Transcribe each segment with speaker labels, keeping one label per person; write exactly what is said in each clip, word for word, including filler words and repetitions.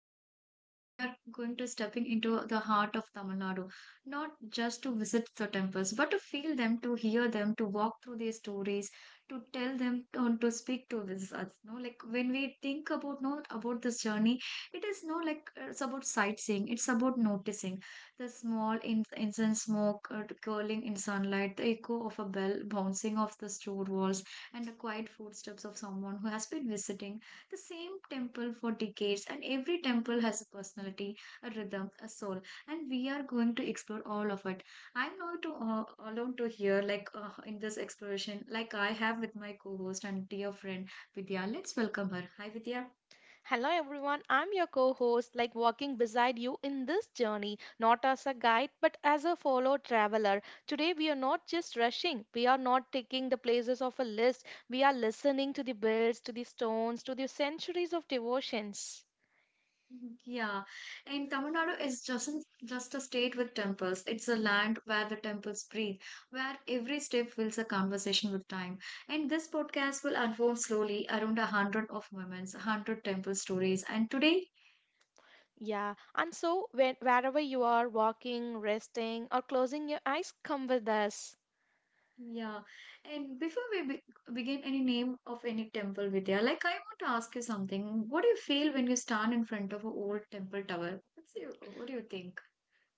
Speaker 1: Danu. Today we are going to stepping into the heart of Tamil Nadu, not just to visit the temples, but to feel them, to hear them, to walk through their stories, to tell them, to, to speak to us. No, like when we think about no about this journey, it is no like uh, it's about sightseeing. It's about noticing the small in, incense smoke uh, curling in sunlight, the echo of a bell bouncing off the store walls, and the quiet footsteps of someone who has been visiting the same temple for decades, and every temple has a personality, a rhythm, a soul, and we are going to explore all of it. I'm not to, uh, alone to hear, like uh, in this exploration, like I have with my co host and dear friend Vidya. Let's welcome her. Hi, Vidya.
Speaker 2: Hello everyone, I'm your co host, like walking beside you in this journey, not as a guide but as a fellow traveler. Today we are not just rushing, we are not taking the places of a list, we are listening to the birds, to the stones, to the centuries of devotions.
Speaker 1: Mhm. Yeah, and Tamil Nadu is just just a state with temples. It's a land where the temples breathe, where every step feels a conversation with time. And this podcast will unfold slowly around a hundred of moments, a hundred temple stories. And today,
Speaker 2: Yeah, and so when, wherever you are walking, resting, or closing your eyes, come with us.
Speaker 1: yeah, and before we be begin any name of any temple, Vidya, like I want to ask you something. What do you feel when you stand in front of an old temple tower? What's your, what do you think,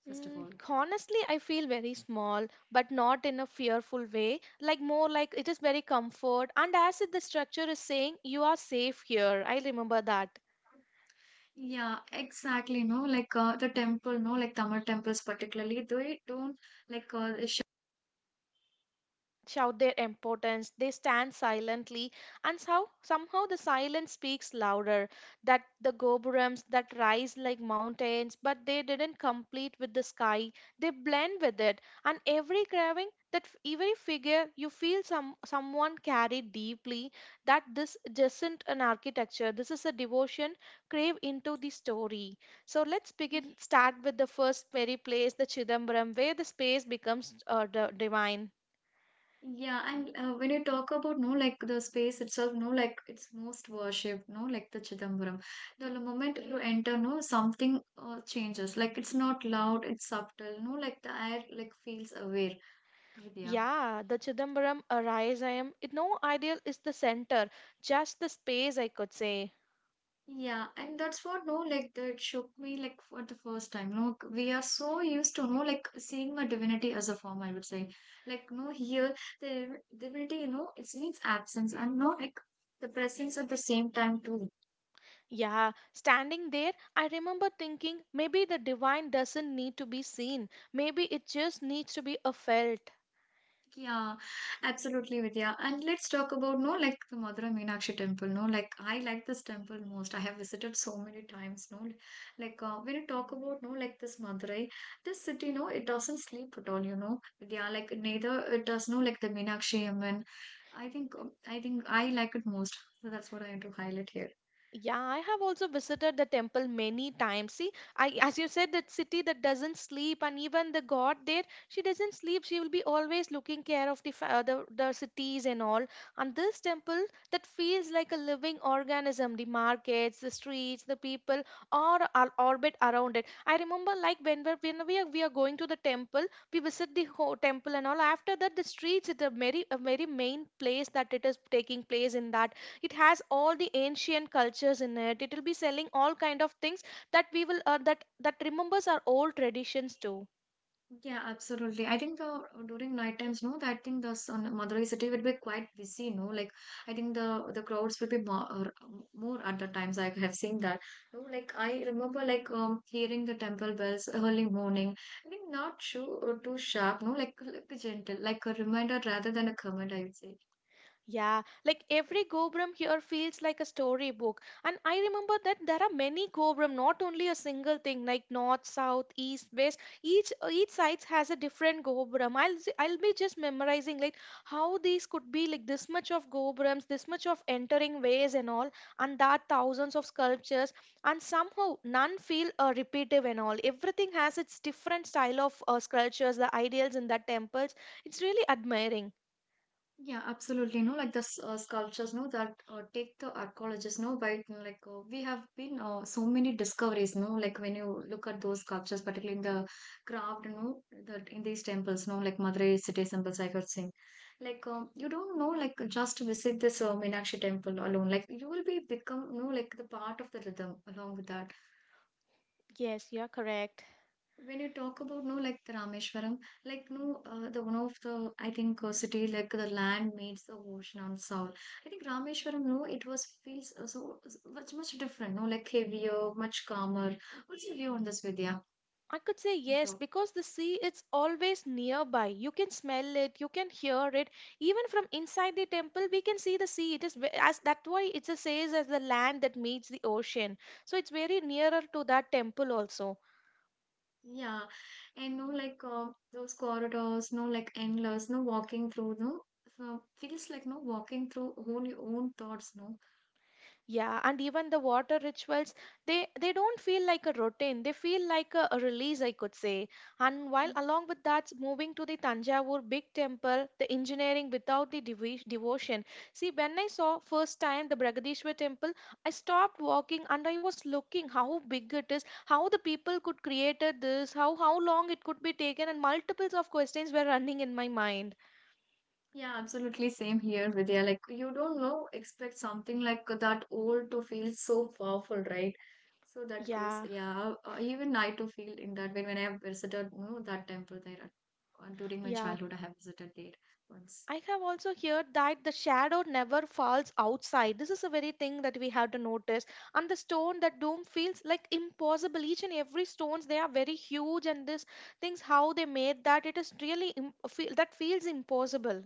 Speaker 1: first of
Speaker 2: Mm,
Speaker 1: all?
Speaker 2: honestly, I feel very small, but not in a fearful way. Like more like it is very comfort. And as if the structure is saying, you are safe here. I remember that.
Speaker 1: Yeah, exactly. No, like uh, the temple, no, like Tamil temples particularly, they don't like uh, they sh-
Speaker 2: Shout their importance. They stand silently, and so, somehow the silence speaks louder. That the gopurams that rise like mountains, but they didn't complete with the sky. They blend with it, and every carving that f- every figure you feel some someone carried deeply. That this isn't an architecture. This is a devotion crave into the story. So let's begin. Start with the first very place, the Chidambaram, where the space becomes uh, d- divine.
Speaker 1: yeah, and uh, when you talk about no, like the space itself, no, like it's most worshipped, no, like the Chidambaram. The moment you enter, no, something uh, changes. Like it's not loud, it's subtle, no, like the air like feels aware. Vidya.
Speaker 2: Yeah, the Chidambaram arise I am. It, no ideal is the center, just the space, I could say.
Speaker 1: Yeah, and that's what no like that shook me like for the first time. No, we are so used to no like seeing a divinity as a form. I would say like no here the divinity you know it means absence and no like the presence at the same time too.
Speaker 2: Yeah, standing there, I remember thinking maybe the divine doesn't need to be seen. Maybe it just needs to be a felt.
Speaker 1: Yeah, absolutely, Vidya. And let's talk about no, like the Madurai Meenakshi temple. No, like I like this temple most. I have visited so many times. No, like uh, when you talk about no, like this Madurai, this city, no, it doesn't sleep at all. You know, Vidya. Like neither it does. No, like the Meenakshi Amman. I think um, I think I like it most. So that's what I want to highlight here.
Speaker 2: Yeah, I have also visited the temple many times. See, I as you said, that city that doesn't sleep, and even the god there, she doesn't sleep. She will be always looking care of the fa- uh, the, the cities and all. And this temple that feels like a living organism. The markets, the streets, the people, all are orbit around it. I remember like when we're, when we are we are going to the temple, we visit the whole temple and all. After that, the streets is a very a very main place that it is taking place in that it has all the ancient cultures in it it will be selling all kind of things that we will uh, that that remembers our old traditions too.
Speaker 1: Yeah, absolutely. I think the during night times, no, I think the sun, Madurai city will be quite busy, no. Like I think the the crowds will be more or, um, more at the times. I have seen that. No, like I remember like um hearing the temple bells early morning. I think not too too sharp, no, like, like gentle, like a reminder rather than a comment. I would say.
Speaker 2: Yeah, like every Gobram here feels like a storybook. And I remember that there are many Gobram, not only a single thing like north, south, east, west. Each each side has a different Gobram. I'll s- I'll be just memorizing like how these could be like this much of Gobrams, this much of entering ways and all, and that thousands of sculptures. And somehow none feel uh, repetitive and all. Everything has its different style of uh, sculptures, the ideals in the temples. It's really admiring.
Speaker 1: Yeah, absolutely. No, like the s- uh, sculptures, no, that uh, take the archaeologists, no, by like uh, we have been uh, so many discoveries, no, like when you look at those sculptures, particularly in the craft, no, that in these temples, no, like Madurai city temples, I could sing. Like um, you don't know, like just visit this uh, Meenakshi temple alone, like you will be become, no, like the part of the rhythm along with that
Speaker 2: Yes, you're correct.
Speaker 1: when you talk about no like the Rameshwaram, like no uh, the one of the I think uh, city like the land meets the ocean on soul. I think Rameshwaram, no, it was feels uh, so so much much different, no, like heavier, much calmer. What's your view on this, Vidya?
Speaker 2: I could say
Speaker 1: You
Speaker 2: yes
Speaker 1: talk.
Speaker 2: because the sea is always nearby. You can smell it, you can hear it. Even from inside the temple, we can see the sea. It is ve- as that why it says as the land that meets the ocean. So it's very nearer to that temple also.
Speaker 1: Yeah, and no like uh, those corridors, no like endless, no walking through, no. Uh, feels like no walking through whole your own thoughts, no.
Speaker 2: Yeah, and even the water rituals, they they don't feel like a routine. They feel like a, a release, I could say. And while along with that, moving to the Tanjavur big temple, the engineering without the devi- devotion. See, when I saw first time the Bragadishwar temple, I stopped walking and I was looking how big it is, how the people could created this, how how long it could be taken, and multiples of questions were running in my mind.
Speaker 1: Yeah, absolutely. Same here, Vidya. Like, you don't know, expect something like that old to feel so powerful, right? So that goes,
Speaker 2: Yeah,
Speaker 1: yeah. Uh, even I to feel in that way when I have visited, you know, that temple there uh, during my
Speaker 2: yeah.
Speaker 1: childhood. I have visited there once.
Speaker 2: I have also heard that the shadow never falls outside. This is a very thing that we have to notice. And the stone, that dome feels like impossible. Each and every stones, they are very huge, and this things how they made that it is really im- feel that feels impossible.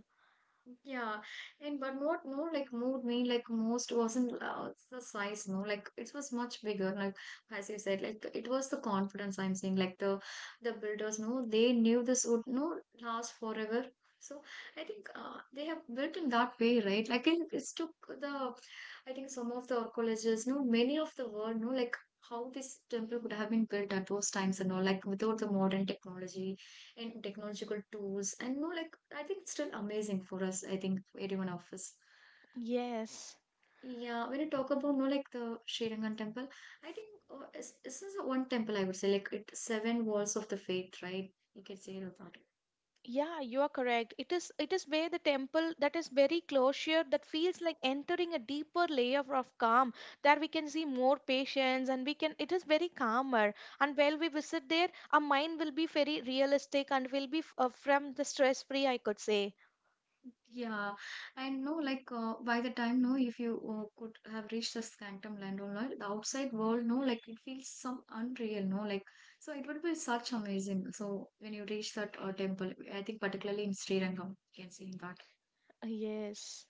Speaker 1: Yeah, and but more, no, like more mean like most wasn't uh, the size, no, like it was much bigger. Like as you said, like it was the confidence I'm saying Like the the builders, no, they knew this would no last forever. So I think uh, they have built in that way, right? Like it, it's took the, I think some of the archaeologists, no, many of the world, no, like how this temple could have been built at those times and all, like without the modern technology and technological tools and no like I think it's still amazing for us I think for everyone of us
Speaker 2: Yes.
Speaker 1: yeah when you talk about no like the sri rangan temple I think uh, it's- this is one temple I would say like it seven walls of the faith right you can say about that
Speaker 2: Yeah, you are correct. It is it is where the temple that is very closure that feels like entering a deeper layer of calm. There we can see more patience and we can it is very calmer. And while we visit there, our mind will be very realistic and will be f- uh, from the stress free, I could say.
Speaker 1: yeah and no like uh, by the time no if you uh, could have reached the scantum land or not the outside world no like it feels some unreal no like so it would be such amazing so when you reach that uh, temple I think particularly in sri rangam you can see
Speaker 2: Yes.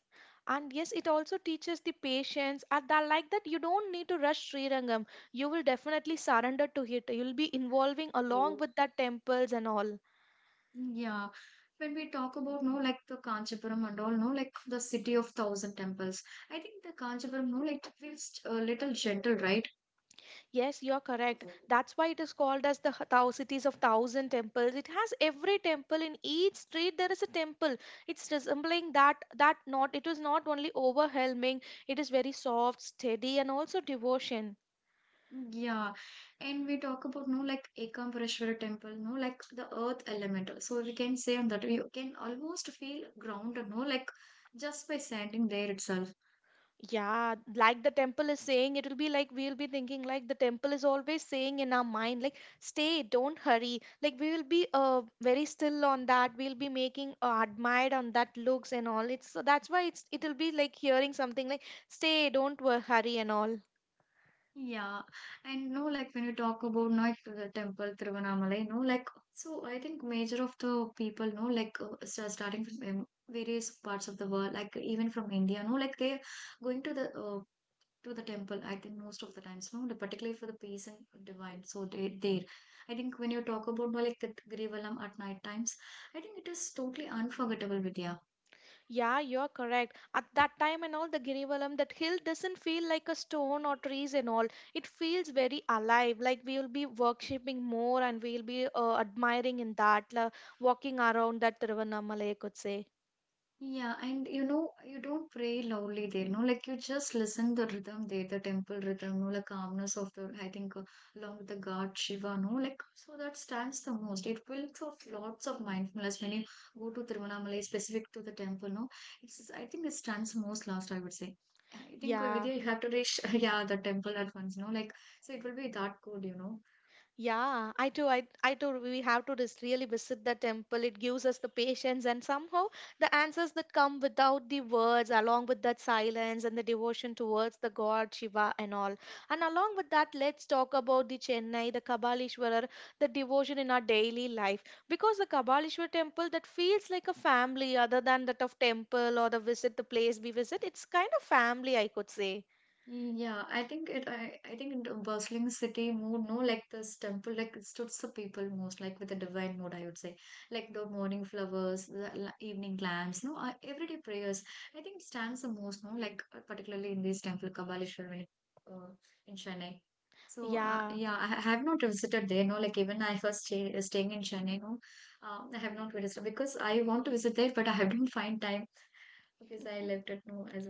Speaker 2: And yes, it also teaches the patience. At that, like that, you don't need to rush Sri Rangam. You will definitely surrender to it. You'll be involving along
Speaker 1: that
Speaker 2: with that temples and all.
Speaker 1: Yeah, when we talk about no like the Kanchipuram and all no like the city of thousand temples, I think the Kanchipuram no like it feels a little gentle, right?
Speaker 2: Yes, you're correct. That's why it is called as the h- thou cities of thousand temples. It has every temple in each street. There is a temple. It's resembling that that not. It is not only overwhelming. It is very soft, steady, and also devotion.
Speaker 1: Yeah, and we talk about no like Ekampareshwara temple, no like the earth elemental. So we can say on that we can almost feel grounded, no like just by standing there itself.
Speaker 2: Yeah, like the temple is saying, it will be like we'll be thinking like the temple is always saying in our mind, like, stay, don't hurry. Like we will be uh very still on that. We'll be making uh, admired on that looks and all. It's so that's why it's it'll be like hearing something like stay, don't wo- hurry and all.
Speaker 1: Yeah, and no, like when you talk about no, like, the temple Tiruvannamalai, no, like so I think major of the people, no, like uh, sta- starting from um, various parts of the world, like even from India, no, like they going to the uh, to the temple. I think most of the times, no, the- particularly for the peace and divine. So they there, I think when you talk about no, like the Grivalam at night times, I think it is totally unforgettable, Vidya.
Speaker 2: Yeah, you're correct. At that time and all, the Girivalam, that hill doesn't feel like a stone or trees and all. It feels very alive. Like we will be worshipping more and we'll be uh, admiring in that, la walking around that Tiruvannamalai, I could say.
Speaker 1: Yeah, and you know, you don't pray loudly there, no, like you just listen the rhythm there, the temple rhythm, no, like calmness of the, I think, uh, along with the God Shiva, no, like so that stands the most. It builds up lots of mindfulness when you go to Tiruvannamalai, specific to the temple, no, it's I think it stands most last, I would say. I think uh,
Speaker 2: Yeah.
Speaker 1: Vidya, you have to reach, yeah, the temple at once, no, like so it will be that good, you know.
Speaker 2: Yeah, I do. I, I do. We have to just really visit the temple. It gives us the patience and somehow the answers that come without the words, along with that silence and the devotion towards the god Shiva and all. And along with that, let's talk about the Chennai, the Kabalishwarar, the devotion in our daily life. Because the Kabalishwar temple that feels like a family other than that of temple or the visit, the place we visit, it's kind of family, I could say.
Speaker 1: Yeah, I think it. I, I think in the bustling city mood, no, like this temple, like it suits the people most, like with the divine mood, I would say, like the morning flowers, the la- evening lamps, no, uh, everyday prayers. I think it stands the most, no, like uh, particularly in this temple, Kabaleshwar, uh, in Chennai. So, uh,
Speaker 2: Yeah.
Speaker 1: yeah, I ha- have not visited there, no, like even I was stay, staying in Chennai, no, uh, I have not visited because I want to visit there, but I have not find time because I left it, no, as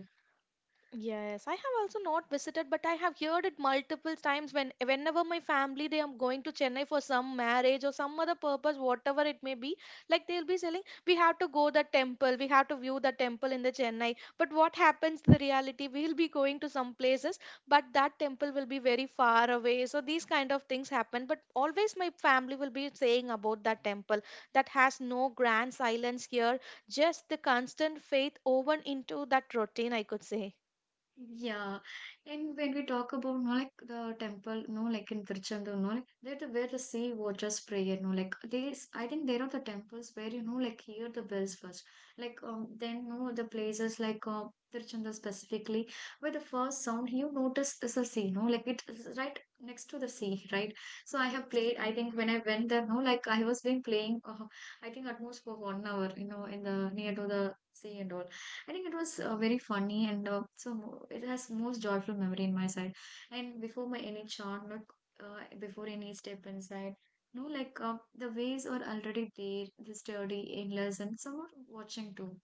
Speaker 2: Yes, I have also not visited, but I have heard it multiple times when whenever my family they are going to Chennai for some marriage or some other purpose, whatever it may be, like they'll be saying, we have to go the temple, we have to view the temple in the Chennai. But what happens to the reality? We'll be going to some places, but that temple will be very far away. So these kind of things happen. But always my family will be saying about that temple that has no grand silence here, just the constant faith woven into that routine, I could say.
Speaker 1: Yeah, and when we talk about no like the temple, no like in Tiruchendur, no like they to where the sea waters prayer, no like these. I think there are the temples where you know like hear the bells first, like um then no the places like uh, Tiruchendur specifically where the first sound you notice is the sea, no like it is right next to the sea, right? So I have
Speaker 2: Yes.
Speaker 1: played. I think when I went there, no like I was been playing. Uh, I think at most for one hour, you know, in the near to the sea and all. I think it was uh, very funny and uh, so mo- it has most joyful memory in my side. And before my any chant, not uh, before any step inside, no, like uh, the waves are already there, the sturdy, endless, and some watching too.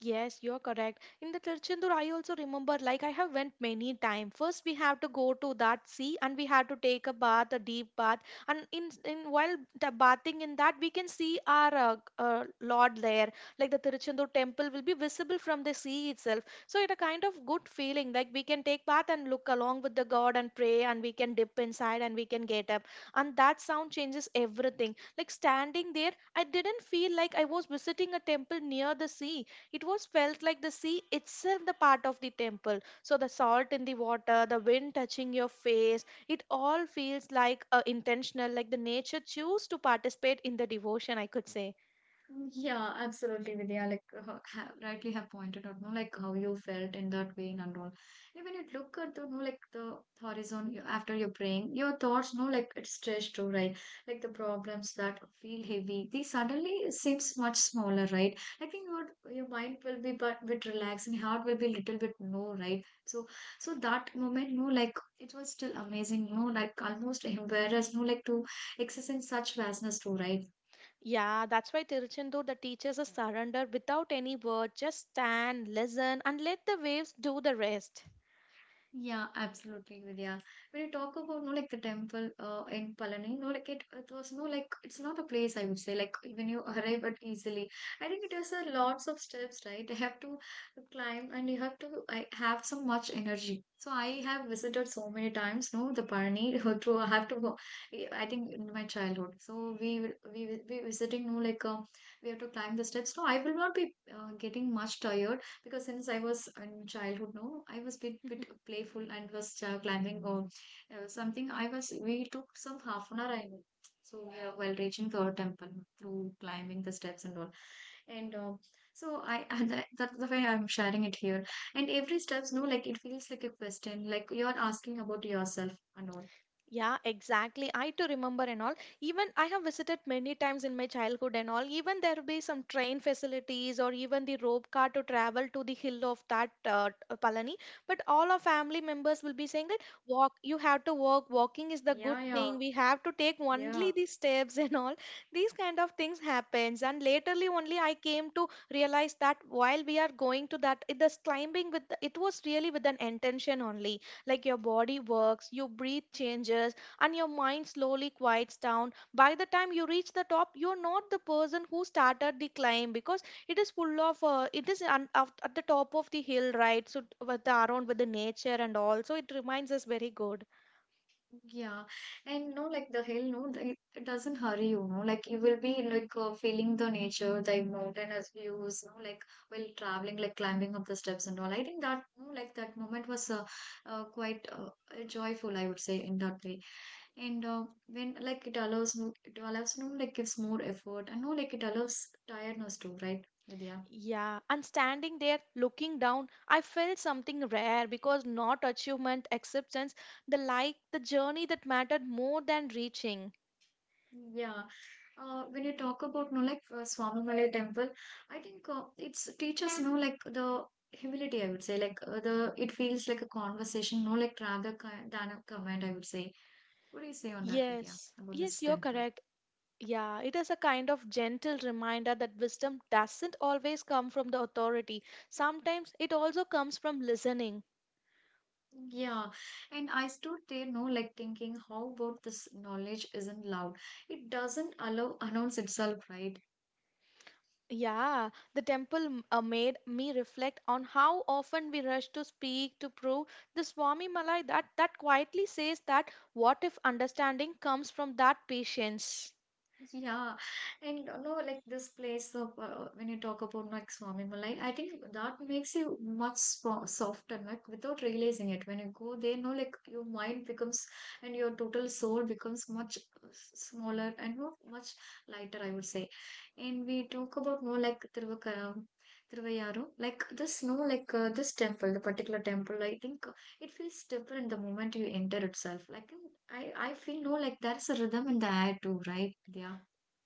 Speaker 2: Yes, you're correct. In the Tirchendur, I also remember like I have went many time. First, we have to go to that sea and we have to take a bath, a deep bath. And in in while the bathing in that, we can see our uh, uh, Lord there. Like the Tirchendur temple will be visible from the sea itself. So it a kind of good feeling. Like we can take bath and look along with the God and pray, and we can dip inside and we can get up. And that sound changes everything. Like standing there, I didn't feel like I was visiting a temple near the sea. It was felt like the sea itself the part of the temple. So the salt in the water, the wind touching your face, it all feels like uh, intentional, like the nature choose to participate in the devotion, I could say.
Speaker 1: Yeah, absolutely, Vidya. Like, uh, ha rightly have pointed out, no, like how you felt in that vein and all. And when you look at the, no, like the horizon you- after you're praying, your thoughts, no, like it's stretched to, right? Like the problems that feel heavy, they suddenly seems much smaller, right? I think your your mind will be but bit relaxed and heart will be little bit no, right? So, so that moment, no, like it was still amazing, no, like almost embarrassed, no, like to exercise in such vastness too, right?
Speaker 2: Yeah, that's why Tiruchendur, the teaches us surrender without any word. Just stand, listen, and let the waves do the rest.
Speaker 1: Yeah, absolutely, Vidya. When you talk about no like the temple uh, in Palani, no like it, it was no like it's not a place I would say like when you arrive at easily. I think it has a lots of steps, right? You have to climb and you have to I have so much energy. So I have visited so many times, no, the Palani through I have to go. I think in my childhood. So we will- we will be visiting no like uh, we have to climb the steps. No, I will not be uh, getting much tired because since I was in childhood, no, I was bit bit playful and was uh, climbing or uh, something. I was we took some half an hour. I mean, so yeah, while reaching the temple through climbing the steps and all, and uh, so I and that, that's the way I'm sharing it here. And every steps, no, like it feels like a question, like you are asking about yourself and all.
Speaker 2: Yeah, exactly. I too remember and all. Even I have visited many times in my childhood and all. Even there will be some train facilities or even the rope car to travel to the hill of that uh, t- uh, Palani. But all our family members will be saying that walk, you have to walk. Walking is the good
Speaker 1: Yeah, yeah,
Speaker 2: thing. We have to take only
Speaker 1: yeah.
Speaker 2: the steps and all. These kind of things happens. And laterly only I came to realize that while we are going to that, it, this climbing with the, it was really with an intention only like your body works, your breath changes, and your mind slowly quiets down. By the time you reach the top, you're not the person who started the climb because it is full of, uh, it is un- of, at the top of the hill, right? So, t- with the, around with the nature and all. So, it reminds us very good.
Speaker 1: Yeah, and no, like the hill, no, the- it doesn't hurry you, no, like you will be like uh, feeling the nature, the mountainous views, no, like while traveling, like climbing up the steps and all. I think that, no, like that moment was uh, uh, quite uh, uh, joyful, I would say, in that way. And uh, when like it allows, no, it allows, no, like gives more effort, and no, like it allows tiredness too, right, Vidya?
Speaker 2: Yeah, and standing there looking down, I felt something rare because not achievement, acceptance, the like, the journey that mattered more than reaching.
Speaker 1: Yeah, uh, when you talk about no like uh, Swamimalai temple, I think uh, it's teaches no like the humility. I would say like uh, the it feels like a conversation, no like rather ki- than a comment. I would say. What do you say on that, Vidya,
Speaker 2: Yes,
Speaker 1: about this
Speaker 2: yes, you're
Speaker 1: temple?
Speaker 2: correct. Yeah, it is a kind of gentle reminder that wisdom doesn't always come from the authority. Sometimes it also comes from listening.
Speaker 1: Yeah, and I stood there, no like thinking, how about this knowledge isn't loud? It doesn't allow announce itself, right?
Speaker 2: Yeah, the temple m- uh, made me reflect on how often we rush to speak to prove. The Swami Malai that that quietly says that what if understanding comes from that patience.
Speaker 1: Yeah, and you know, like this place of uh, when you talk about like Swami Malai, I think that makes you much spo- softer, like without realizing it. When you go there, no, like your mind becomes and your total soul becomes much uh, s- smaller and no, much lighter, I would say. And we talk about no, like Tiruvakara, Tiruvayaro, like this, no, like uh, this temple, the particular temple, I think uh, it feels different the moment you enter itself. Like I, I feel no, like there's a rhythm in the air too, right? Yeah.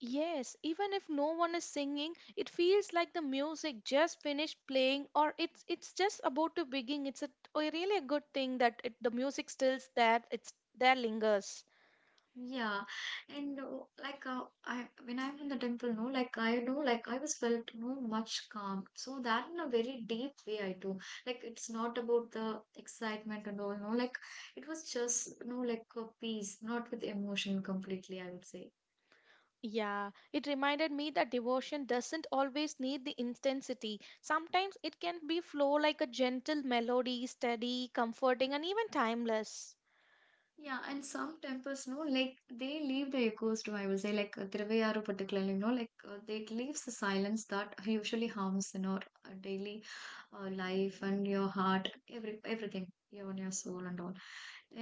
Speaker 2: Yes, even if no one is singing, it feels like the music just finished playing or it's it's just about to begin. It's a, a really a good thing that it, the music stills there, it's there lingers.
Speaker 1: Yeah, and uh, like uh, I when I'm in the temple, no, like I know, like I was felt no much calm. So that in a very deep way, I do. Like it's not about the excitement and all, no. Like it was just no, like a peace, not with emotion completely. I would say.
Speaker 2: Yeah, it reminded me that devotion doesn't always need the intensity. Sometimes it can be flow like a gentle melody, steady, comforting, and even timeless.
Speaker 1: Yeah, and some temples, no, like they leave the echoes too. I will say, like uh, Thiruvayur particularly, no, like uh, they leaves the silence that usually harms in our uh, daily uh, life and your heart every everything even your soul and all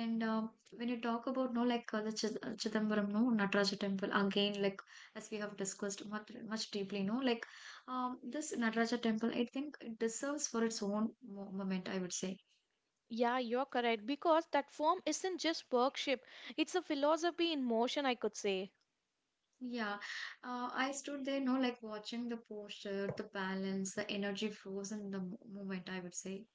Speaker 1: and uh, when you talk about no like uh, the Chid- uh, chidambaram no Nataraja temple again like as we have discussed much much deeply no like um, this Nataraja temple I think it deserves for its own mo- moment I would say.
Speaker 2: Yeah, you're correct because that form isn't just worship, it's a philosophy in motion, I could say.
Speaker 1: Yeah, uh, I stood there no like watching the posture, the balance, the energy flows in the mo- moment I would say.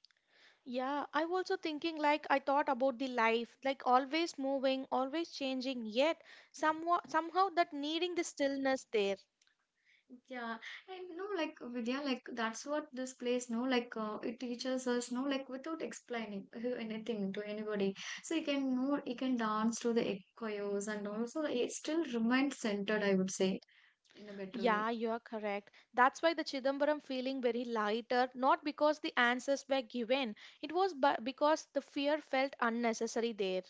Speaker 2: Yeah, I also thinking like I thought about the life, like always moving, always changing, yet somehow somehow that needing the stillness there.
Speaker 1: Yeah, and no, like Vidya, like that's what this place, no, like uh, it teaches us, no, like without explaining who- anything to anybody. So you can know, you can dance to the echoes, and also it still remains centered, I would say, in a better way.
Speaker 2: Yeah, you are correct. That's why the Chidambaram feeling very lighter, not because the answers were given. It was bu- because the fear felt unnecessary there.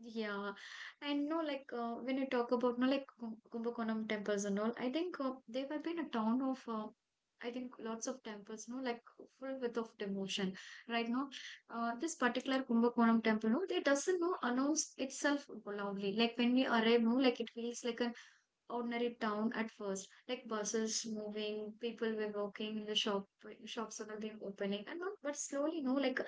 Speaker 1: Yeah, and no, like uh, when you talk about no, like Kum- Kumbakonam temples and all, I think uh, they have been a town of, uh, I think lots of temples, no, like full with of devotion, right? No, uh, this particular Kumbakonam temple, no, they doesn't no announce itself loudly. Like when we arrive, no, like it feels like an ordinary town at first, like buses moving, people were walking, the shop shops are being opening, and all, but slowly, no, like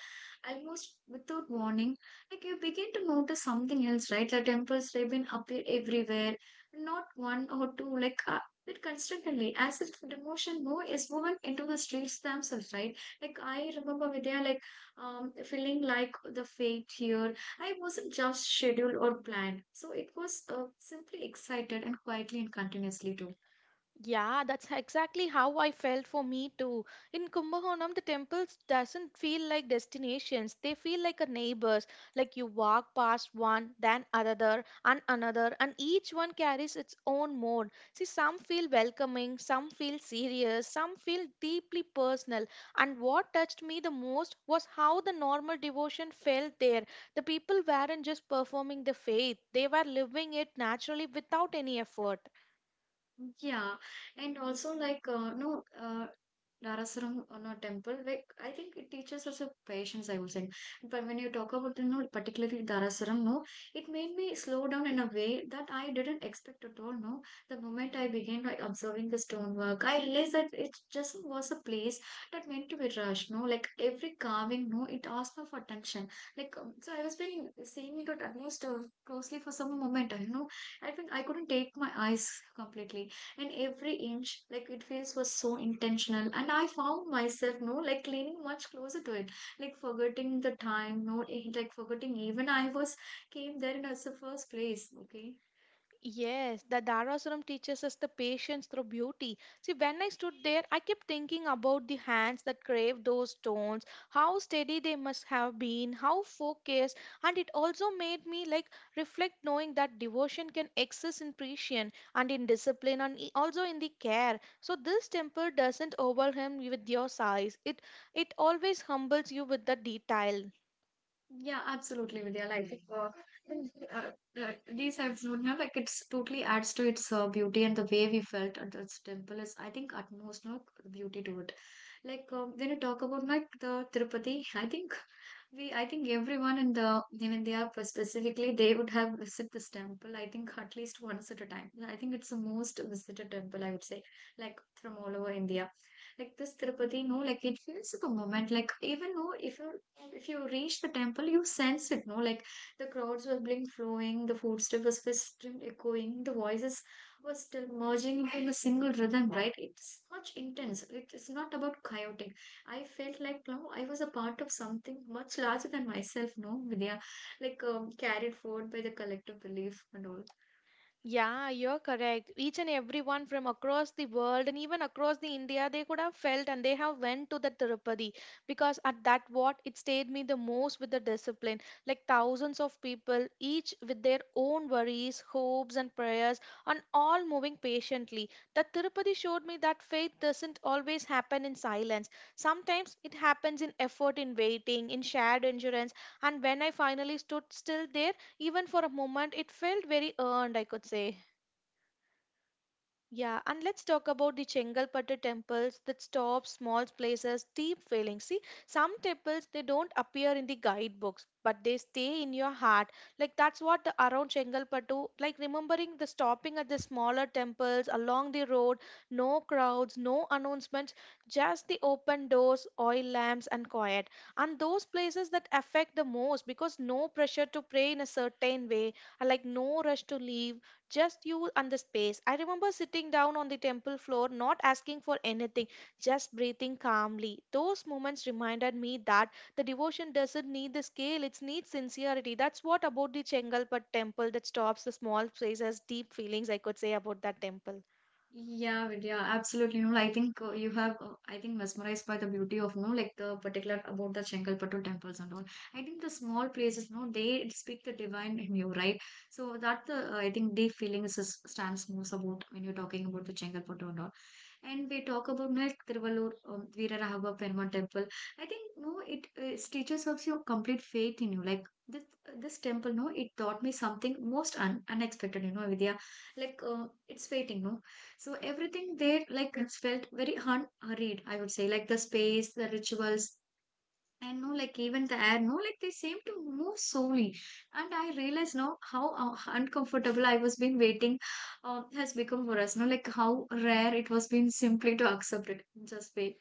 Speaker 1: almost without warning like you begin to notice something else, right? The temples they've been appear everywhere, not one or two, like uh, but constantly, as if the motion more, is woven into the streets themselves, right? Like I remember Vidya, like um, feeling like the fate here. I wasn't just scheduled or planned, so it was uh, simply excited and quietly and continuously too.
Speaker 2: Yeah, that's exactly how I felt for me too. In Kumbakonam, the temples doesn't feel like destinations. They feel like a neighbors. Like you walk past one, then another, and another, and each one carries its own mode. See, some feel welcoming, some feel serious, some feel deeply personal. And what touched me the most was how the normal devotion felt there. The people weren't just performing the faith; they were living it naturally without any effort.
Speaker 1: Yeah, and also like uh, no uh, Darasaram or not temple. Like I think it teaches us a patience. I would say, but when you talk about the no, particularly Darasaram, no, it made me slow down in a way that I didn't expect at all. No, the moment I began like observing the stonework, I realized that it just was a place that meant to be rushed. No, like every carving, no, it asked me for attention. Like um, so, I was being seeing it at least uh, closely for some moment. I know I think I couldn't take my eyes completely and every inch like it feels was so intentional, and I found myself no like leaning much closer to it, like forgetting the time no eh, like forgetting even I was came there in as the first place, okay.
Speaker 2: Yes, the Dharasuram teaches us the patience through beauty. See, when I stood there, I kept thinking about the hands that carved those stones, how steady they must have been, how focused, and it also made me like reflect knowing that devotion can exist in precision and in discipline and i- also in the care. So this temple doesn't overwhelm you with your size. It it always humbles you with the detail.
Speaker 1: Yeah, absolutely, Vidya. Like, uh, and, uh, uh, these have you know, like it's totally adds to its uh, beauty, and the way we felt at this temple is, I think, utmost no beauty to it. Like um, when you talk about like the Tirupati, I think we, I think everyone in the in India specifically, they would have visited this temple. I think at least once at a time. I think it's the most visited temple, I would say, like from all over India. Like this Tirupati, no, like it feels the moment. Like even though if you if you reach the temple, you sense it, no? Like the crowds were being flowing, the footsteps were still echoing, the voices were still merging in a single rhythm, right? It's much intense. It, it's not about chaotic. I felt like no, I was a part of something much larger than myself, no, Vidya, like um, carried forward by the collective belief and all.
Speaker 2: Yeah, you're correct. Each and everyone from across the world and even across the India, they could have felt and they have went to the Tirupati because at that what it stayed me the most with the discipline. Like thousands of people, each with their own worries, hopes and prayers, and all moving patiently. The Tirupati showed me that faith doesn't always happen in silence. Sometimes it happens in effort, in waiting, in shared endurance. And when I finally stood still there, even for a moment it felt very earned, I could say. Yeah, and let's talk about the Chengalpattu temples that stop small places, deep feelings. See, some temples they don't appear in the guidebooks, but they stay in your heart. Like that's what the around Chengalpattu, like remembering the stopping at the smaller temples along the road, no crowds, no announcements, just the open doors, oil lamps, and quiet. And those places that affect the most because no pressure to pray in a certain way, and like no rush to leave just you and the space. I remember sitting down on the temple floor, not asking for anything, just breathing calmly. Those moments reminded me that the devotion doesn't need the scale, it needs sincerity. That's what about the Chengalpet temple that stops the small places, deep feelings I could say about that temple.
Speaker 1: Yeah, Vidya, absolutely. You know, I think uh, you have, uh, I think, mesmerized by the beauty of, you know, like the particular about the Chengalpattu temples and all. I think the small places, you know, they speak the divine in you, right? So that the, uh, I think, the feeling is, is- stands most about when you're talking about the Chengalpattu and all. And we talk about Nail Tiruvallur, um, Veeraragava Perumal Temple. I think, no, it, it teaches us your complete faith in you. Like, this, this temple, no, it taught me something most un- unexpected, you know, Vidya. Like, uh, it's fading, no? So everything there, like, it's felt very hun- hurried, I would say. Like, the space, the rituals, and no, like even the air, no, like they seem to move slowly. And I realized now how uh, uncomfortable I was been waiting uh, has become for us. No, like how rare it was been simply to accept it, just wait.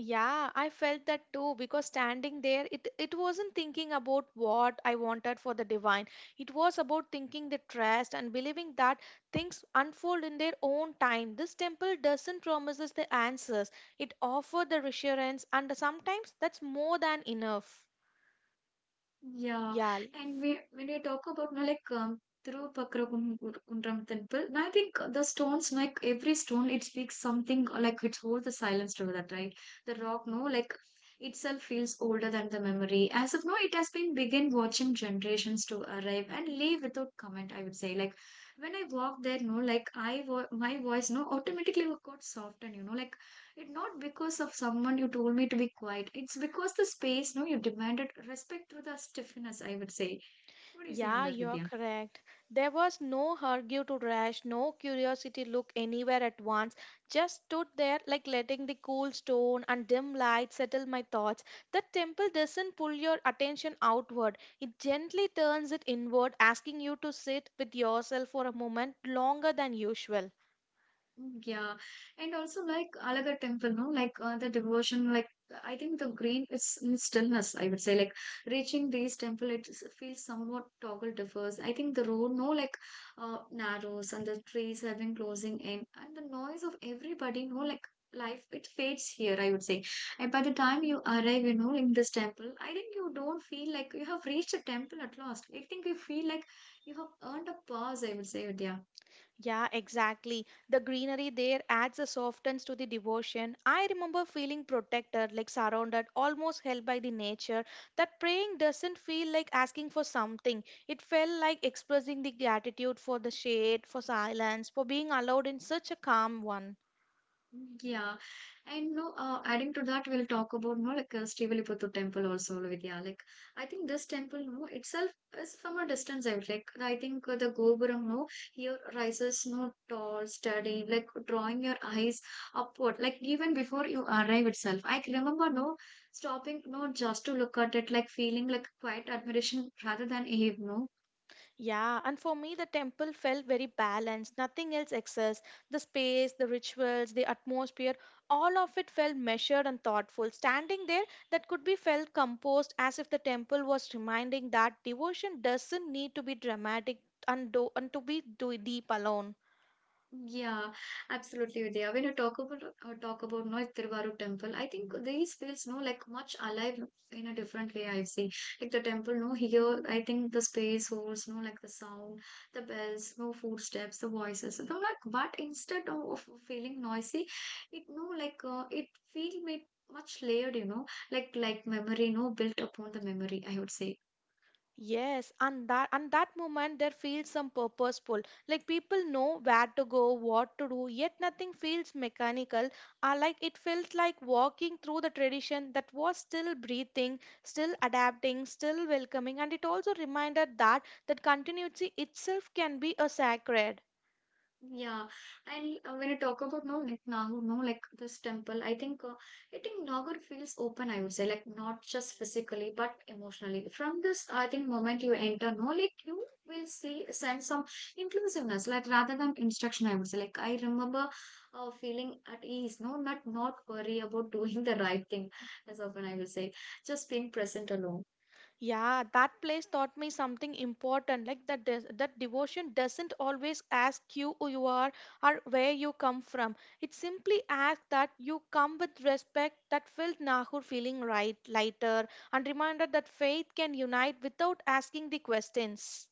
Speaker 2: Yeah, I felt that too because standing there, it, it wasn't thinking about what I wanted for the divine. It was about thinking the trust and believing that things unfold in their own time. This temple doesn't promise us the answers, it offers the reassurance, and sometimes that's more than enough.
Speaker 1: Yeah,
Speaker 2: Yeah.
Speaker 1: and we, when we talk about now, like um, Tirupakkarakunram temple, now I think the stones, like every stone, it speaks something uh, like it holds the silence to that, right? The rock, no, like itself feels older than the memory. As of now, it has been begin watching generations to arrive and leave without comment, I would say. Like when I walked there, no, like I, vo my voice, no, automatically got softened, you know, like it not because of someone you told me to be quiet. It's because the space, no, you demanded respect through the stiffness, I would say. What do you say on
Speaker 2: Yeah,
Speaker 1: that,
Speaker 2: you're
Speaker 1: Vidya?
Speaker 2: correct. There was no hurry to rush, no curiosity look anywhere at once. Just stood there, like letting the cool stone and dim light settle my thoughts. The temple doesn't pull your attention outward, it gently turns it inward, asking you to sit with yourself for a moment longer than usual.
Speaker 1: Mm. Yeah, and also like Alagar temple, no, like uh, the devotion, like I think the green is in stillness. I would say like reaching these temple, it s- feels somewhat toggle differs. I think the road, no, like uh, narrows and the trees have been closing in, and the noise of everybody, no, like life, it fades here. I would say, and by the time you arrive, you know, in this temple, I think you don't feel like you have reached a temple at last. I think you feel like you have earned a pause. I would say, Vidya.
Speaker 2: Yeah, exactly. The greenery there adds a softness to the devotion. I remember feeling protected, like surrounded, almost held by the nature. That praying doesn't feel like asking for something. It felt like expressing the gratitude for the shade, for silence, for being allowed in such a calm one.
Speaker 1: Yeah, and no, uh, adding to that, we'll talk about no like uh, Sriviliputtur temple also, Vidya. Like, I think this temple, no, itself is from a distance out. Like, I think uh, the Gopuram, no, here rises no tall, steady, like drawing your eyes upward. Like even before you arrive itself, I can remember no stopping, no, just to look at it, like feeling like quiet admiration rather than awe, no.
Speaker 2: Yeah, and for me, the temple felt very balanced. Nothing else excess. The space, the rituals, the atmosphere, all of it felt measured and thoughtful. Standing there, that could be felt composed as if the temple was reminding that devotion doesn't need to be dramatic and, do- and to be do- deep alone.
Speaker 1: Yeah, absolutely, Vidya. When you talk about uh, talk about no Tiruvaru temple, I think these feels no like much alive in a different way. I see like the temple. No, here I think the space holds no like the sound, the bells, no footsteps, the voices. No, like but instead of, of feeling noisy, it no like uh, it feel made much layered. You know, like like memory. No, built upon the memory. I would say.
Speaker 2: Yes, and that and that moment there feels some purposeful. Like people know where to go, what to do, yet nothing feels mechanical. Uh, like it felt like walking through the tradition that was still breathing, still adapting, still welcoming, and it also reminded that that continuity itself can be a sacred.
Speaker 1: Yeah, and uh, when you talk about no, like Nahur, no, like this temple, I think uh, I think Nahur feels open. I would say, like not just physically but emotionally. From this, I think moment you enter, no, like you will see sense some inclusiveness, like rather than instruction. I would say, like I remember uh, feeling at ease, no, not not worry about doing the right thing as often I will say, just being present alone.
Speaker 2: Yeah, that place taught me something important, like that des- that devotion doesn't always ask you who you are or where you come from. It simply asks that you come with respect that felt Nahur feeling right, lighter, and reminded that faith can unite without asking the questions.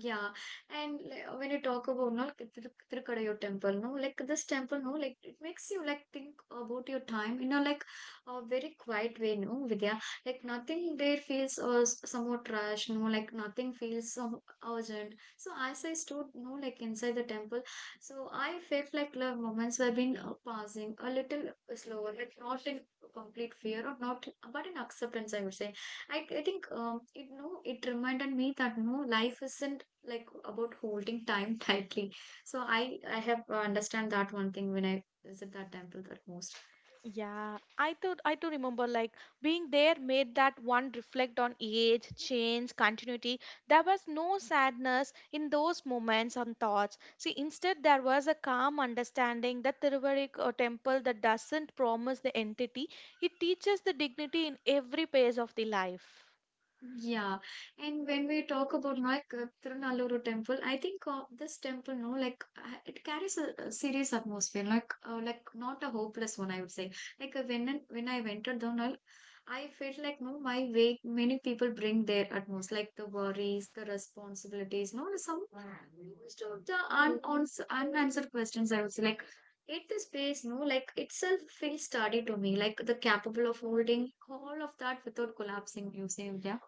Speaker 1: Yeah, and like, when you talk about no, like, Thir- Thirukadayur temple, no, like this temple, no, like it makes you like think about your time in a like a very quiet way, no, Vidya. Like nothing there feels uh, s- somewhat trash, no, like nothing feels so urgent. So as I stood, no, like inside the temple, so I felt like love moments were been uh, passing a little slower, like not in complete fear or not, but in acceptance, I would say I, I think um, it no it reminded me that no life isn't like about holding time tightly. So I I have uh, understand that one thing when I visit that temple the most.
Speaker 2: Yeah, I do. I do remember like being there made that one reflect on age, change, continuity. There was no sadness in those moments and thoughts. See, instead there was a calm understanding that Tiruvaric uh, temple that doesn't promise the entity. It teaches the dignity in every phase of the life.
Speaker 1: Yeah, and when we talk about like uh, Tirunallur temple, I think uh, this temple, no, like uh, it carries a, a serious atmosphere, like uh, like not a hopeless one, I would say. Like uh, when I- when I entered Donal, I felt like no, my way. Many people bring their utmost, like the worries, the responsibilities, no, some most of the un uns- unanswered questions. I would say, like at the space, no, like itself feels sturdy to me, like the capable of holding all of that without collapsing. You say, yeah.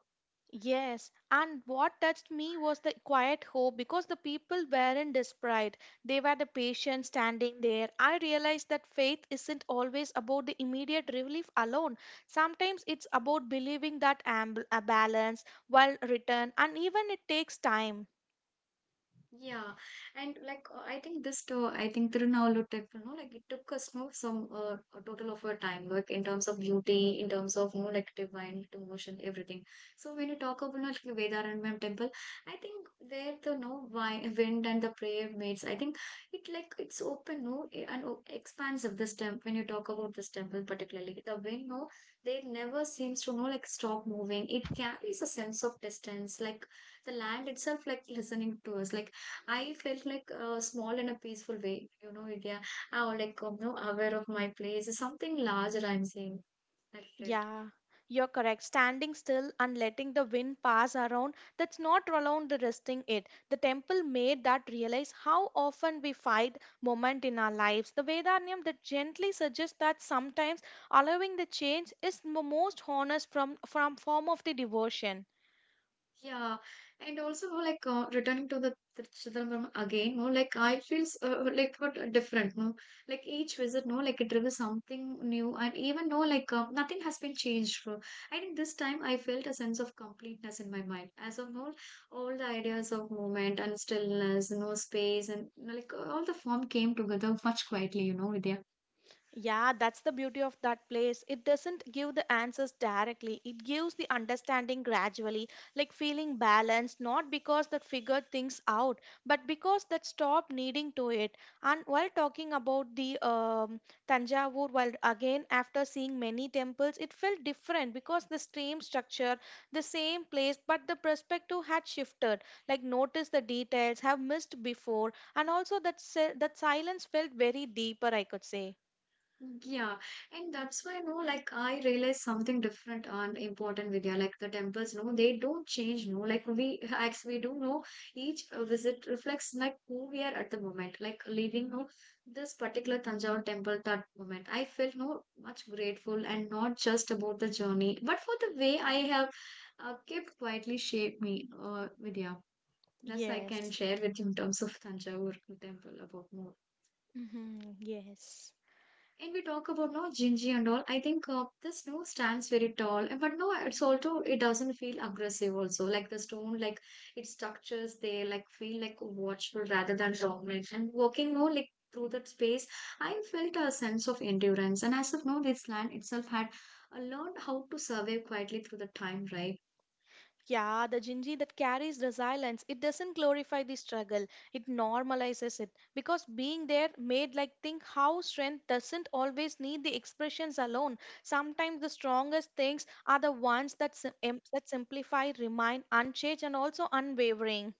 Speaker 2: Yes, and what touched me was the quiet hope because the people weren't desperate. They were the patient standing there. I realized that faith isn't always about the immediate relief alone. Sometimes it's about believing that amb- a balance will return, and even it takes time.
Speaker 1: Yeah, and like uh, I think this too, I think Tirunavalu temple, no, like it took us no some uh, a total of a time, like in terms of beauty, in terms of no like divine devotion, everything. So when you talk about no, like Vedaranyam temple, I think there the no wi- wind and the prayer maids, I think it like it's open, no, eh, and o- expands of this temple. When you talk about this temple particularly, the wind, no, they never seems to no like stop moving. It carries a sense of distance, like the land itself, like listening to us, like. I felt like uh, small in a peaceful way, you know, yeah. I was like, um, no aware of my place. Something larger I'm seeing. I felt.
Speaker 2: Yeah, you're correct. Standing still and letting the wind pass around, that's not around the resting it. The temple made that realize how often we fight moment in our lives. The Vedanyam that gently suggests that sometimes allowing the change is the most honest from from form of the devotion.
Speaker 1: Yeah, and also more like uh, returning to the Tir- Chidambaram again, more like I feels uh, uh, like what uh, different, no? Like each visit, no, like it reveals something new, and even no, like uh, nothing has been changed. uh, I think this time I felt a sense of completeness in my mind, as of all, all the ideas of movement and stillness, no space, and like uh, all the form came together much quietly, you know, Vidya.
Speaker 2: Yeah, that's the beauty of that place. It doesn't give the answers directly, it gives the understanding gradually, like feeling balanced, not because that figured things out, but because that stopped needing to it. And while talking about the um, Tanjavur, while again after seeing many temples, it felt different because the same structure, the same place, but the perspective had shifted. Like, notice the details have missed before, and also that, si- that silence felt very deeper, I could say.
Speaker 1: Yeah, and that's why, no, like I realized something different and important, Vidya. Like the temples, no, they don't change, no. Like we, as we do know, each uh, visit reflects like who we are at the moment. Like leaving, no, this particular Tanjore temple that moment, I felt no much grateful and not just about the journey, but for the way I have uh, kept quietly shaped me, uh, Vidya. That's I can
Speaker 2: Yes.
Speaker 1: share with you in terms of Tanjore temple about more.
Speaker 2: Hmm. Yes.
Speaker 1: And we talk about no Gingy and all. I think uh, the snow stands very tall, and- but no, it's also it doesn't feel aggressive. Also, like the stone, like its structures, they like feel like watchful rather than dominant. And walking more like through that space, I felt a sense of endurance. And as of now, this land itself had uh, learned how to survive quietly through the time, right?
Speaker 2: Yeah, the Jinji that carries resilience, it doesn't glorify the struggle, it normalizes it. Because being there made like think how strength doesn't always need the expressions alone. Sometimes the strongest things are the ones that, sim- em- that simplify, remain unchanged, and also unwavering.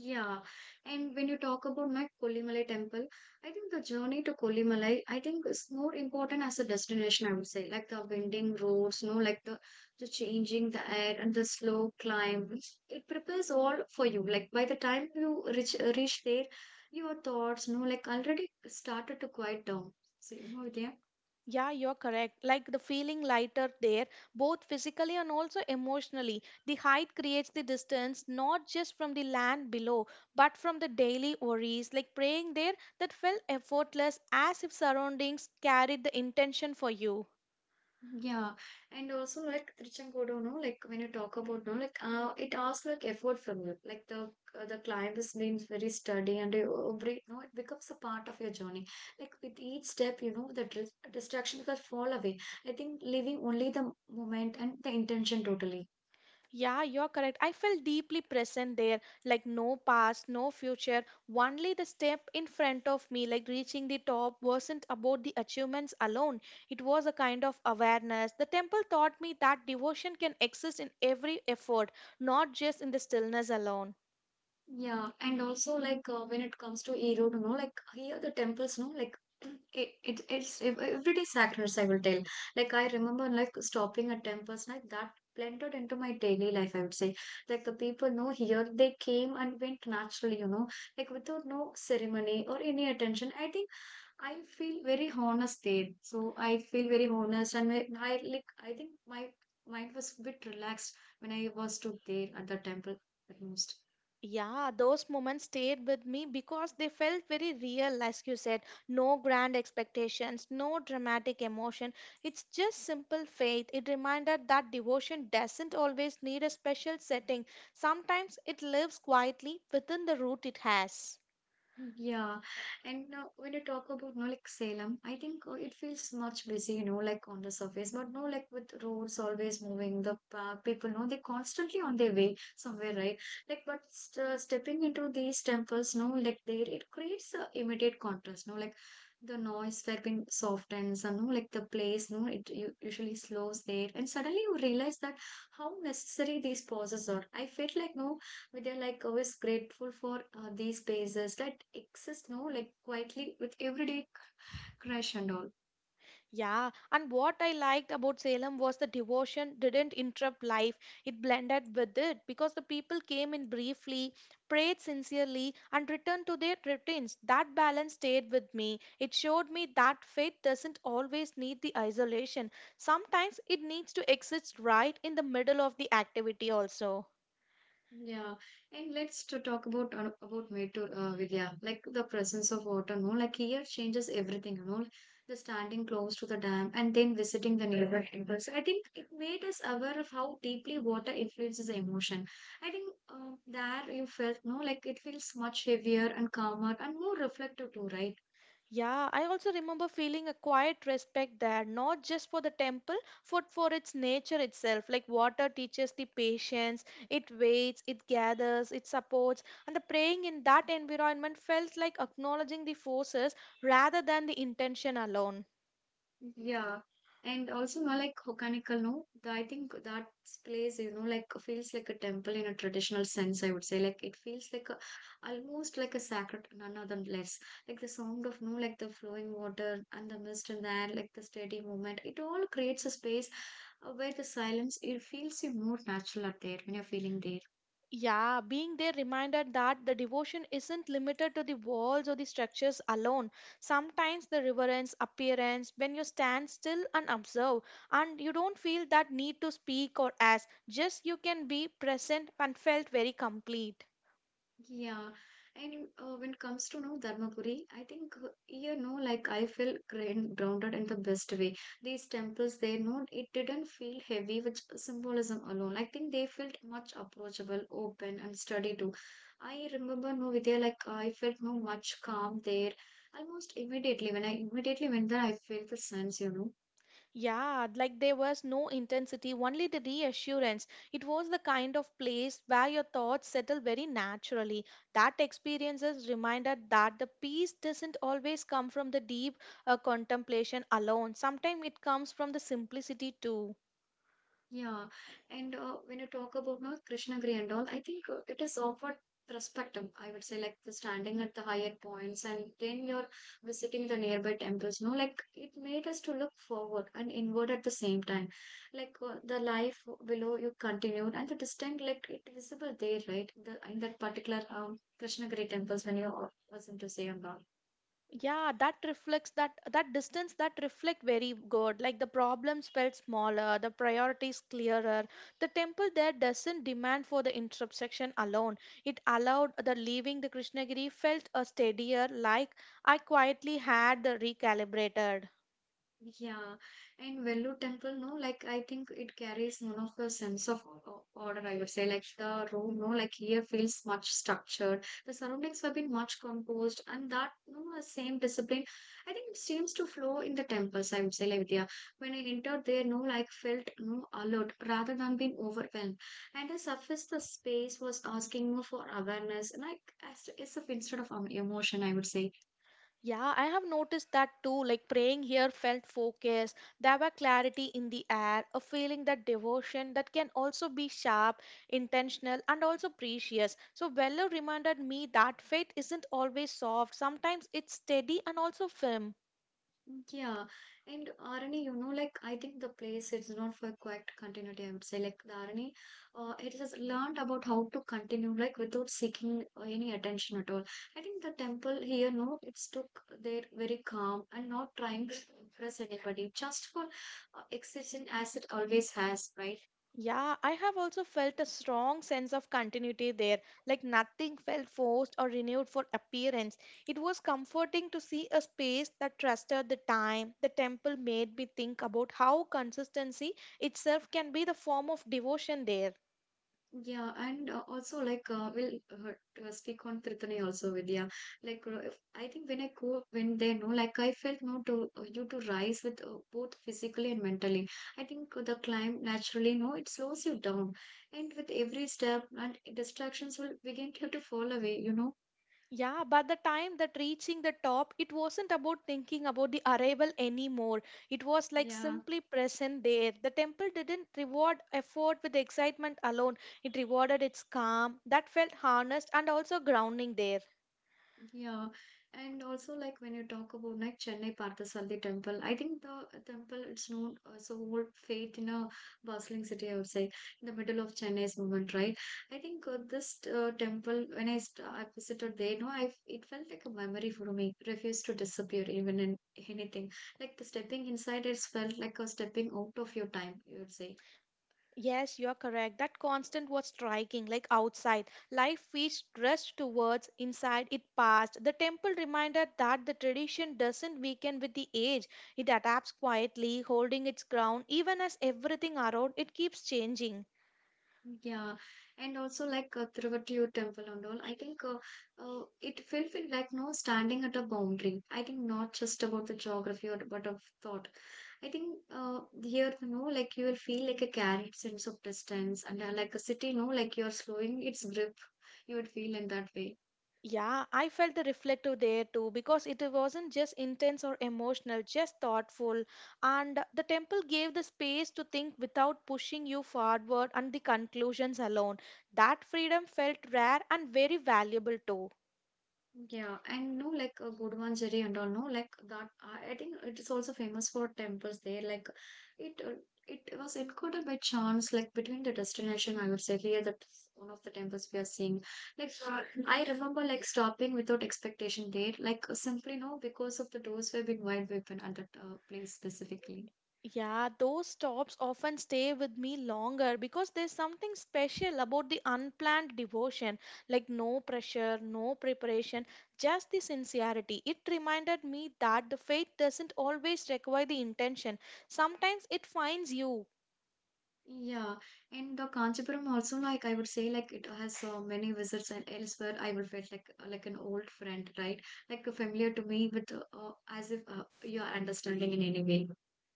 Speaker 1: Yeah, and when you talk about my Koolimalai temple, I think the journey to Koolimalai, I think is more important as a destination, I would say, like the winding roads, no, like the the changing the air and the slow climb. It prepares all for you. Like by the time you reach reach there, your thoughts, no, like already started to quiet down. So, you know, Vidya?
Speaker 2: Yeah, you're correct. Like the feeling lighter there, both physically and also emotionally. The height creates the distance not just from the land below, but from the daily worries. Like praying there, that felt effortless as if surroundings carried the intention for you.
Speaker 1: Yeah, and also like Trichangodo, no, like when you talk about no, like uh, it asks like effort from you. Like the uh, the climb is being very sturdy and you every no, it becomes a part of your journey. Like with each step, you know, the dis distractions will fall away. I think leaving only the moment and the intention totally.
Speaker 2: Yeah, you're correct. I felt deeply present there, like no past, no future, only the step in front of me, like reaching the top, wasn't about the achievements alone. It was a kind of awareness. The temple taught me that devotion can exist in every effort, not just in the stillness alone.
Speaker 1: Yeah, and also like uh, when it comes to Erode, you know, like here the temples, no, like it, it it's ev- every day sacrifice. I will tell. Like I remember like stopping at temples, like that blended into my daily life. I would say, like the people, no, here they came and went naturally, you know, like without no ceremony or any attention. I think I feel very honest there. So I feel very honest, and I, I like I think my mind was a bit relaxed when I was stood there at the temple at most.
Speaker 2: Yeah, those moments stayed with me because they felt very real, as you said. No grand expectations, no dramatic emotion. It's just simple faith. It reminded that devotion doesn't always need a special setting, sometimes it lives quietly within the root it has.
Speaker 1: Yeah, and uh, when you talk about no like Salem, I think uh, it feels much busy, you know, like on the surface, but no, like with roads always moving, the uh, people know they're constantly on their way somewhere, right? Like, but st uh, stepping into these temples, no, like there it creates a immediate contrast, no, like the noise where being softens, and no, like the place, no, it u- usually slows there, and suddenly you realize that how necessary these pauses are. I felt like no. But they're like always grateful for uh, these spaces that exist, no, like quietly with everyday crush and all.
Speaker 2: Yeah, and what I liked about Salem was the devotion didn't interrupt life, it blended with it because the people came in briefly, prayed sincerely, and returned to their routines. That balance stayed with me. It showed me that faith doesn't always need the isolation, sometimes it needs to exist right in the middle of the activity, also.
Speaker 1: Yeah, and let's to talk about uh, about Metro uh, Vidya, like the presence of water. No, like here changes everything. You know, the standing close to the dam and then visiting the nearby temples. I think it made us aware of how deeply water influences the emotion. I think um, there you felt no, like it feels much heavier and calmer and more reflective too, right?
Speaker 2: Yeah, I also remember feeling a quiet respect there, not just for the temple, but for its nature itself. Like water teaches the patience, it waits, it gathers, it supports, and the praying in that environment felt like acknowledging the forces rather than the intention alone.
Speaker 1: Yeah. And also, no, like Hokkanikkal, no, the- I think that place, you know, like feels like a temple in a traditional sense, I would say. Like it feels like a, almost like a sacred, none other than less. Like the sound of, no, like the flowing water and the mist in the air, like the steady movement, it all creates a space uh, where the silence, it feels you more natural out there when you're feeling there.
Speaker 2: Yeah, being there reminded that the devotion isn't limited to the walls or the structures alone. Sometimes the reverence, appearance, when you stand still and observe, and you don't feel that need to speak or ask, just you can be present and felt very complete.
Speaker 1: Yeah, and uh, when it comes to no Dharmapuri, I think uh, you know, like I feel grand, grounded in the best way. These temples, they know it didn't feel heavy with symbolism alone. I think they felt much approachable, open, and sturdy too. I remember no Vidya, like I felt no much calm there. Almost immediately when I immediately went there, I felt the sense, you know.
Speaker 2: Yeah, like there was no intensity, only the reassurance. It was the kind of place where your thoughts settle very naturally. That experience is reminder that the peace doesn't always come from the deep uh, contemplation alone. Sometimes it comes from the simplicity too.
Speaker 1: Yeah, and uh, when you talk about now Krishnagiri and all, I think uh, it is offered perspective. I would say like the standing at the higher points, and then you're visiting the nearby temples. No, like it made us to look forward and inward at the same time. Like uh, the life below you continued, and the distinct like it visible there, right? The in that particular um Krishnagiri temples when you uh, was in to say and all.
Speaker 2: Yeah, that reflects that that distance that reflect very good like the problems felt smaller, the priorities clearer. The temple there doesn't demand for the intersection alone, it allowed the leaving the Krishnagiri felt a steadier, like I quietly had the recalibrated.
Speaker 1: Yeah, and Vellore temple, no, like I think it carries one of the sense of o- order, I would say. Like the room, no, like here feels much structured. The surroundings have been much composed, and that, no, the same discipline, I think it seems to flow in the temples, I would say, like Vidya. When I entered there, no, like felt no alert rather than being overwhelmed. And the surface, the space was asking more for awareness, like as, as if instead of um, emotion, I would say.
Speaker 2: Yeah, I have noticed that too. Like praying here felt focus. There were clarity in the air, a feeling that devotion that can also be sharp, intentional, and also precious. So, Weller reminded me that faith isn't always soft, sometimes it's steady and also firm.
Speaker 1: Yeah, and Arani, you know, like I think the place is not for quite continuity, I would say. Like the R N A, uh, it has learned about how to continue, like without seeking uh, any attention at all. I think the temple here, no, it's took their very calm and not trying to impress anybody, just for uh, existing as it always has, right?
Speaker 2: Yeah, I have also felt a strong sense of continuity there, like nothing felt forced or renewed for appearance. It was comforting to see a space that trusted the time. The temple made me think about how consistency itself can be the form of devotion there.
Speaker 1: Yeah, and uh, also like uh, we'll uh, uh, speak on Trithani also, Vidya. Like uh, if- I think when I go when they know, like I felt no to uh, you to rise with uh, both physically and mentally. I think the climb naturally no it slows you down, and with every step and distractions will begin to, to fall away. You know?
Speaker 2: Yeah, by the time that reaching the top, it wasn't about thinking about the arrival anymore. It was like
Speaker 1: Yeah.
Speaker 2: simply present there. The temple didn't reward effort with excitement alone, it rewarded its calm that felt harnessed and also grounding there.
Speaker 1: Yeah, and also like when you talk about like Chennai Parthasarathy temple, I think the temple it's known as a old faith in a bustling city, I would say, in the middle of Chennai's movement, right? I think uh, this uh, temple when I st I visited there, you know, I it felt like a memory for me, refused to disappear even in anything. Like the stepping inside, it's felt like a stepping out of your time, you would say.
Speaker 2: Yes, you're correct. That constant was striking, like outside. Life feeds rushed towards, inside it passed. The temple reminded that the tradition doesn't weaken with the age. It adapts quietly, holding its ground. Even as everything around, it keeps changing.
Speaker 1: Yeah, and also like uh, Tiruvatiyur temple and all. I think uh, uh, it felt feel like no standing at a boundary. I think not just about the geography or but of thought. I think uh, here you know like you will feel like a carried sense of distance and uh, like a city you know like you're slowing its grip. You would feel in that way.
Speaker 2: Yeah, I felt the reflective there too because it wasn't just intense or emotional, just thoughtful. And the temple gave the space to think without pushing you forward and the conclusions alone. That freedom felt rare and very valuable too.
Speaker 1: Yeah, and no, like a good one, Gurmanjari and all, no, like that. I I think it is also famous for temples there. Like it, uh, it was included by chance, like between the destination. I would say here that one of the temples we are seeing. Like I remember, like stopping without expectation there. Like simply no, because of the doors were being wide open at that uh, place specifically.
Speaker 2: Yeah, those stops often stay with me longer because there's something special about the unplanned devotion, like no pressure, no preparation, just the sincerity. It reminded me that the faith doesn't always require the intention. Sometimes it finds you.
Speaker 1: Yeah, and the Kanchipuram also like I would say like it has uh, many visits and elsewhere I would feel like uh, like an old friend, right? Like familiar to me, but uh, uh, as if uh, you are understanding in any way.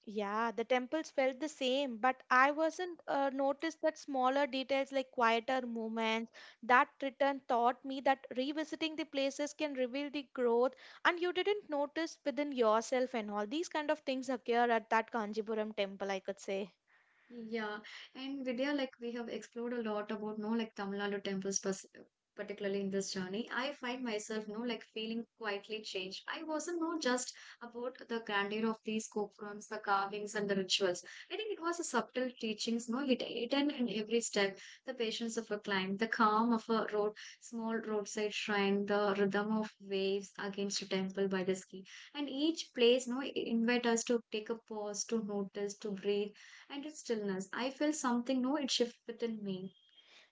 Speaker 2: Yeah, the temples felt the same, but I wasn't uh, noticed that smaller details like quieter movements. That return taught me that revisiting the places can reveal the growth, and you didn't notice within yourself and all these kind of things occur at that Kanjipuram temple, I could say.
Speaker 1: Yeah, and Vidya, like we have explored a lot about no like Tamil Nadu temples, pers- particularly in this journey. I find myself no like feeling quietly changed. I wasn't no just about the grandeur of these gopurams, the carvings, and the rituals. I think it was a subtle teachings, no hid- hidden in every step. The patience of a climb, the calm of a road, small roadside shrine, the rhythm of waves against a temple by the sea, and each place no invite us to take a pause, to notice, to breathe and its stillness. I felt something, no, it shift within me.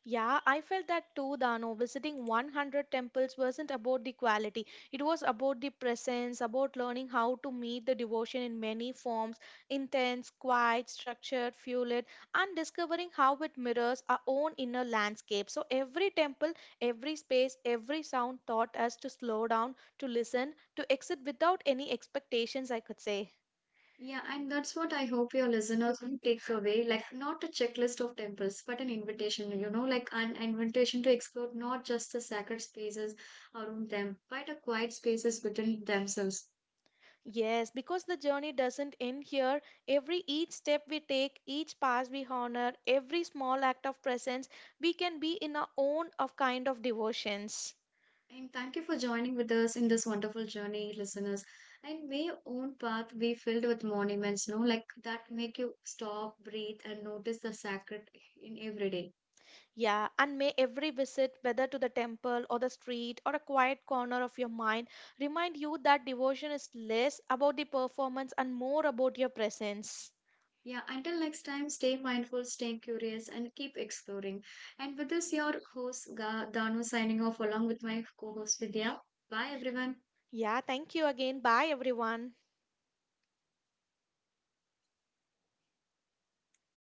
Speaker 2: Yeah, I felt that too, Dano. Visiting a hundred temples wasn't about the quality, it was about the presence, about learning how to meet the devotion in many forms intense, quiet, structured, fueled, and discovering how it mirrors our own inner landscape. So, every temple, every space, every sound taught us to slow down, to listen, to exit without any expectations, I could say.
Speaker 1: Yeah, and that's what I hope your listeners will take away. Like, not a checklist of temples, but an invitation, you know, like an invitation to explore not just the sacred spaces around them, but the quiet spaces within themselves.
Speaker 2: Yes, because the journey doesn't end here. Every each step we take, each pass we honor, every small act of presence, we can be in our own of kind of devotions.
Speaker 1: And thank you for joining with us in this wonderful journey, listeners. And may your own path be filled with monuments, no, like that make you stop, breathe, and notice the sacred in every day.
Speaker 2: Yeah, and may every visit, whether to the temple or the street or a quiet corner of your mind, remind you that devotion is less about the performance and more about your presence.
Speaker 1: Yeah, until next time, stay mindful, stay curious, and keep exploring. And with this, your host, Ga- Danu, signing off along with my co host, Vidya. Bye, everyone.
Speaker 2: Yeah, thank you again. Bye, everyone.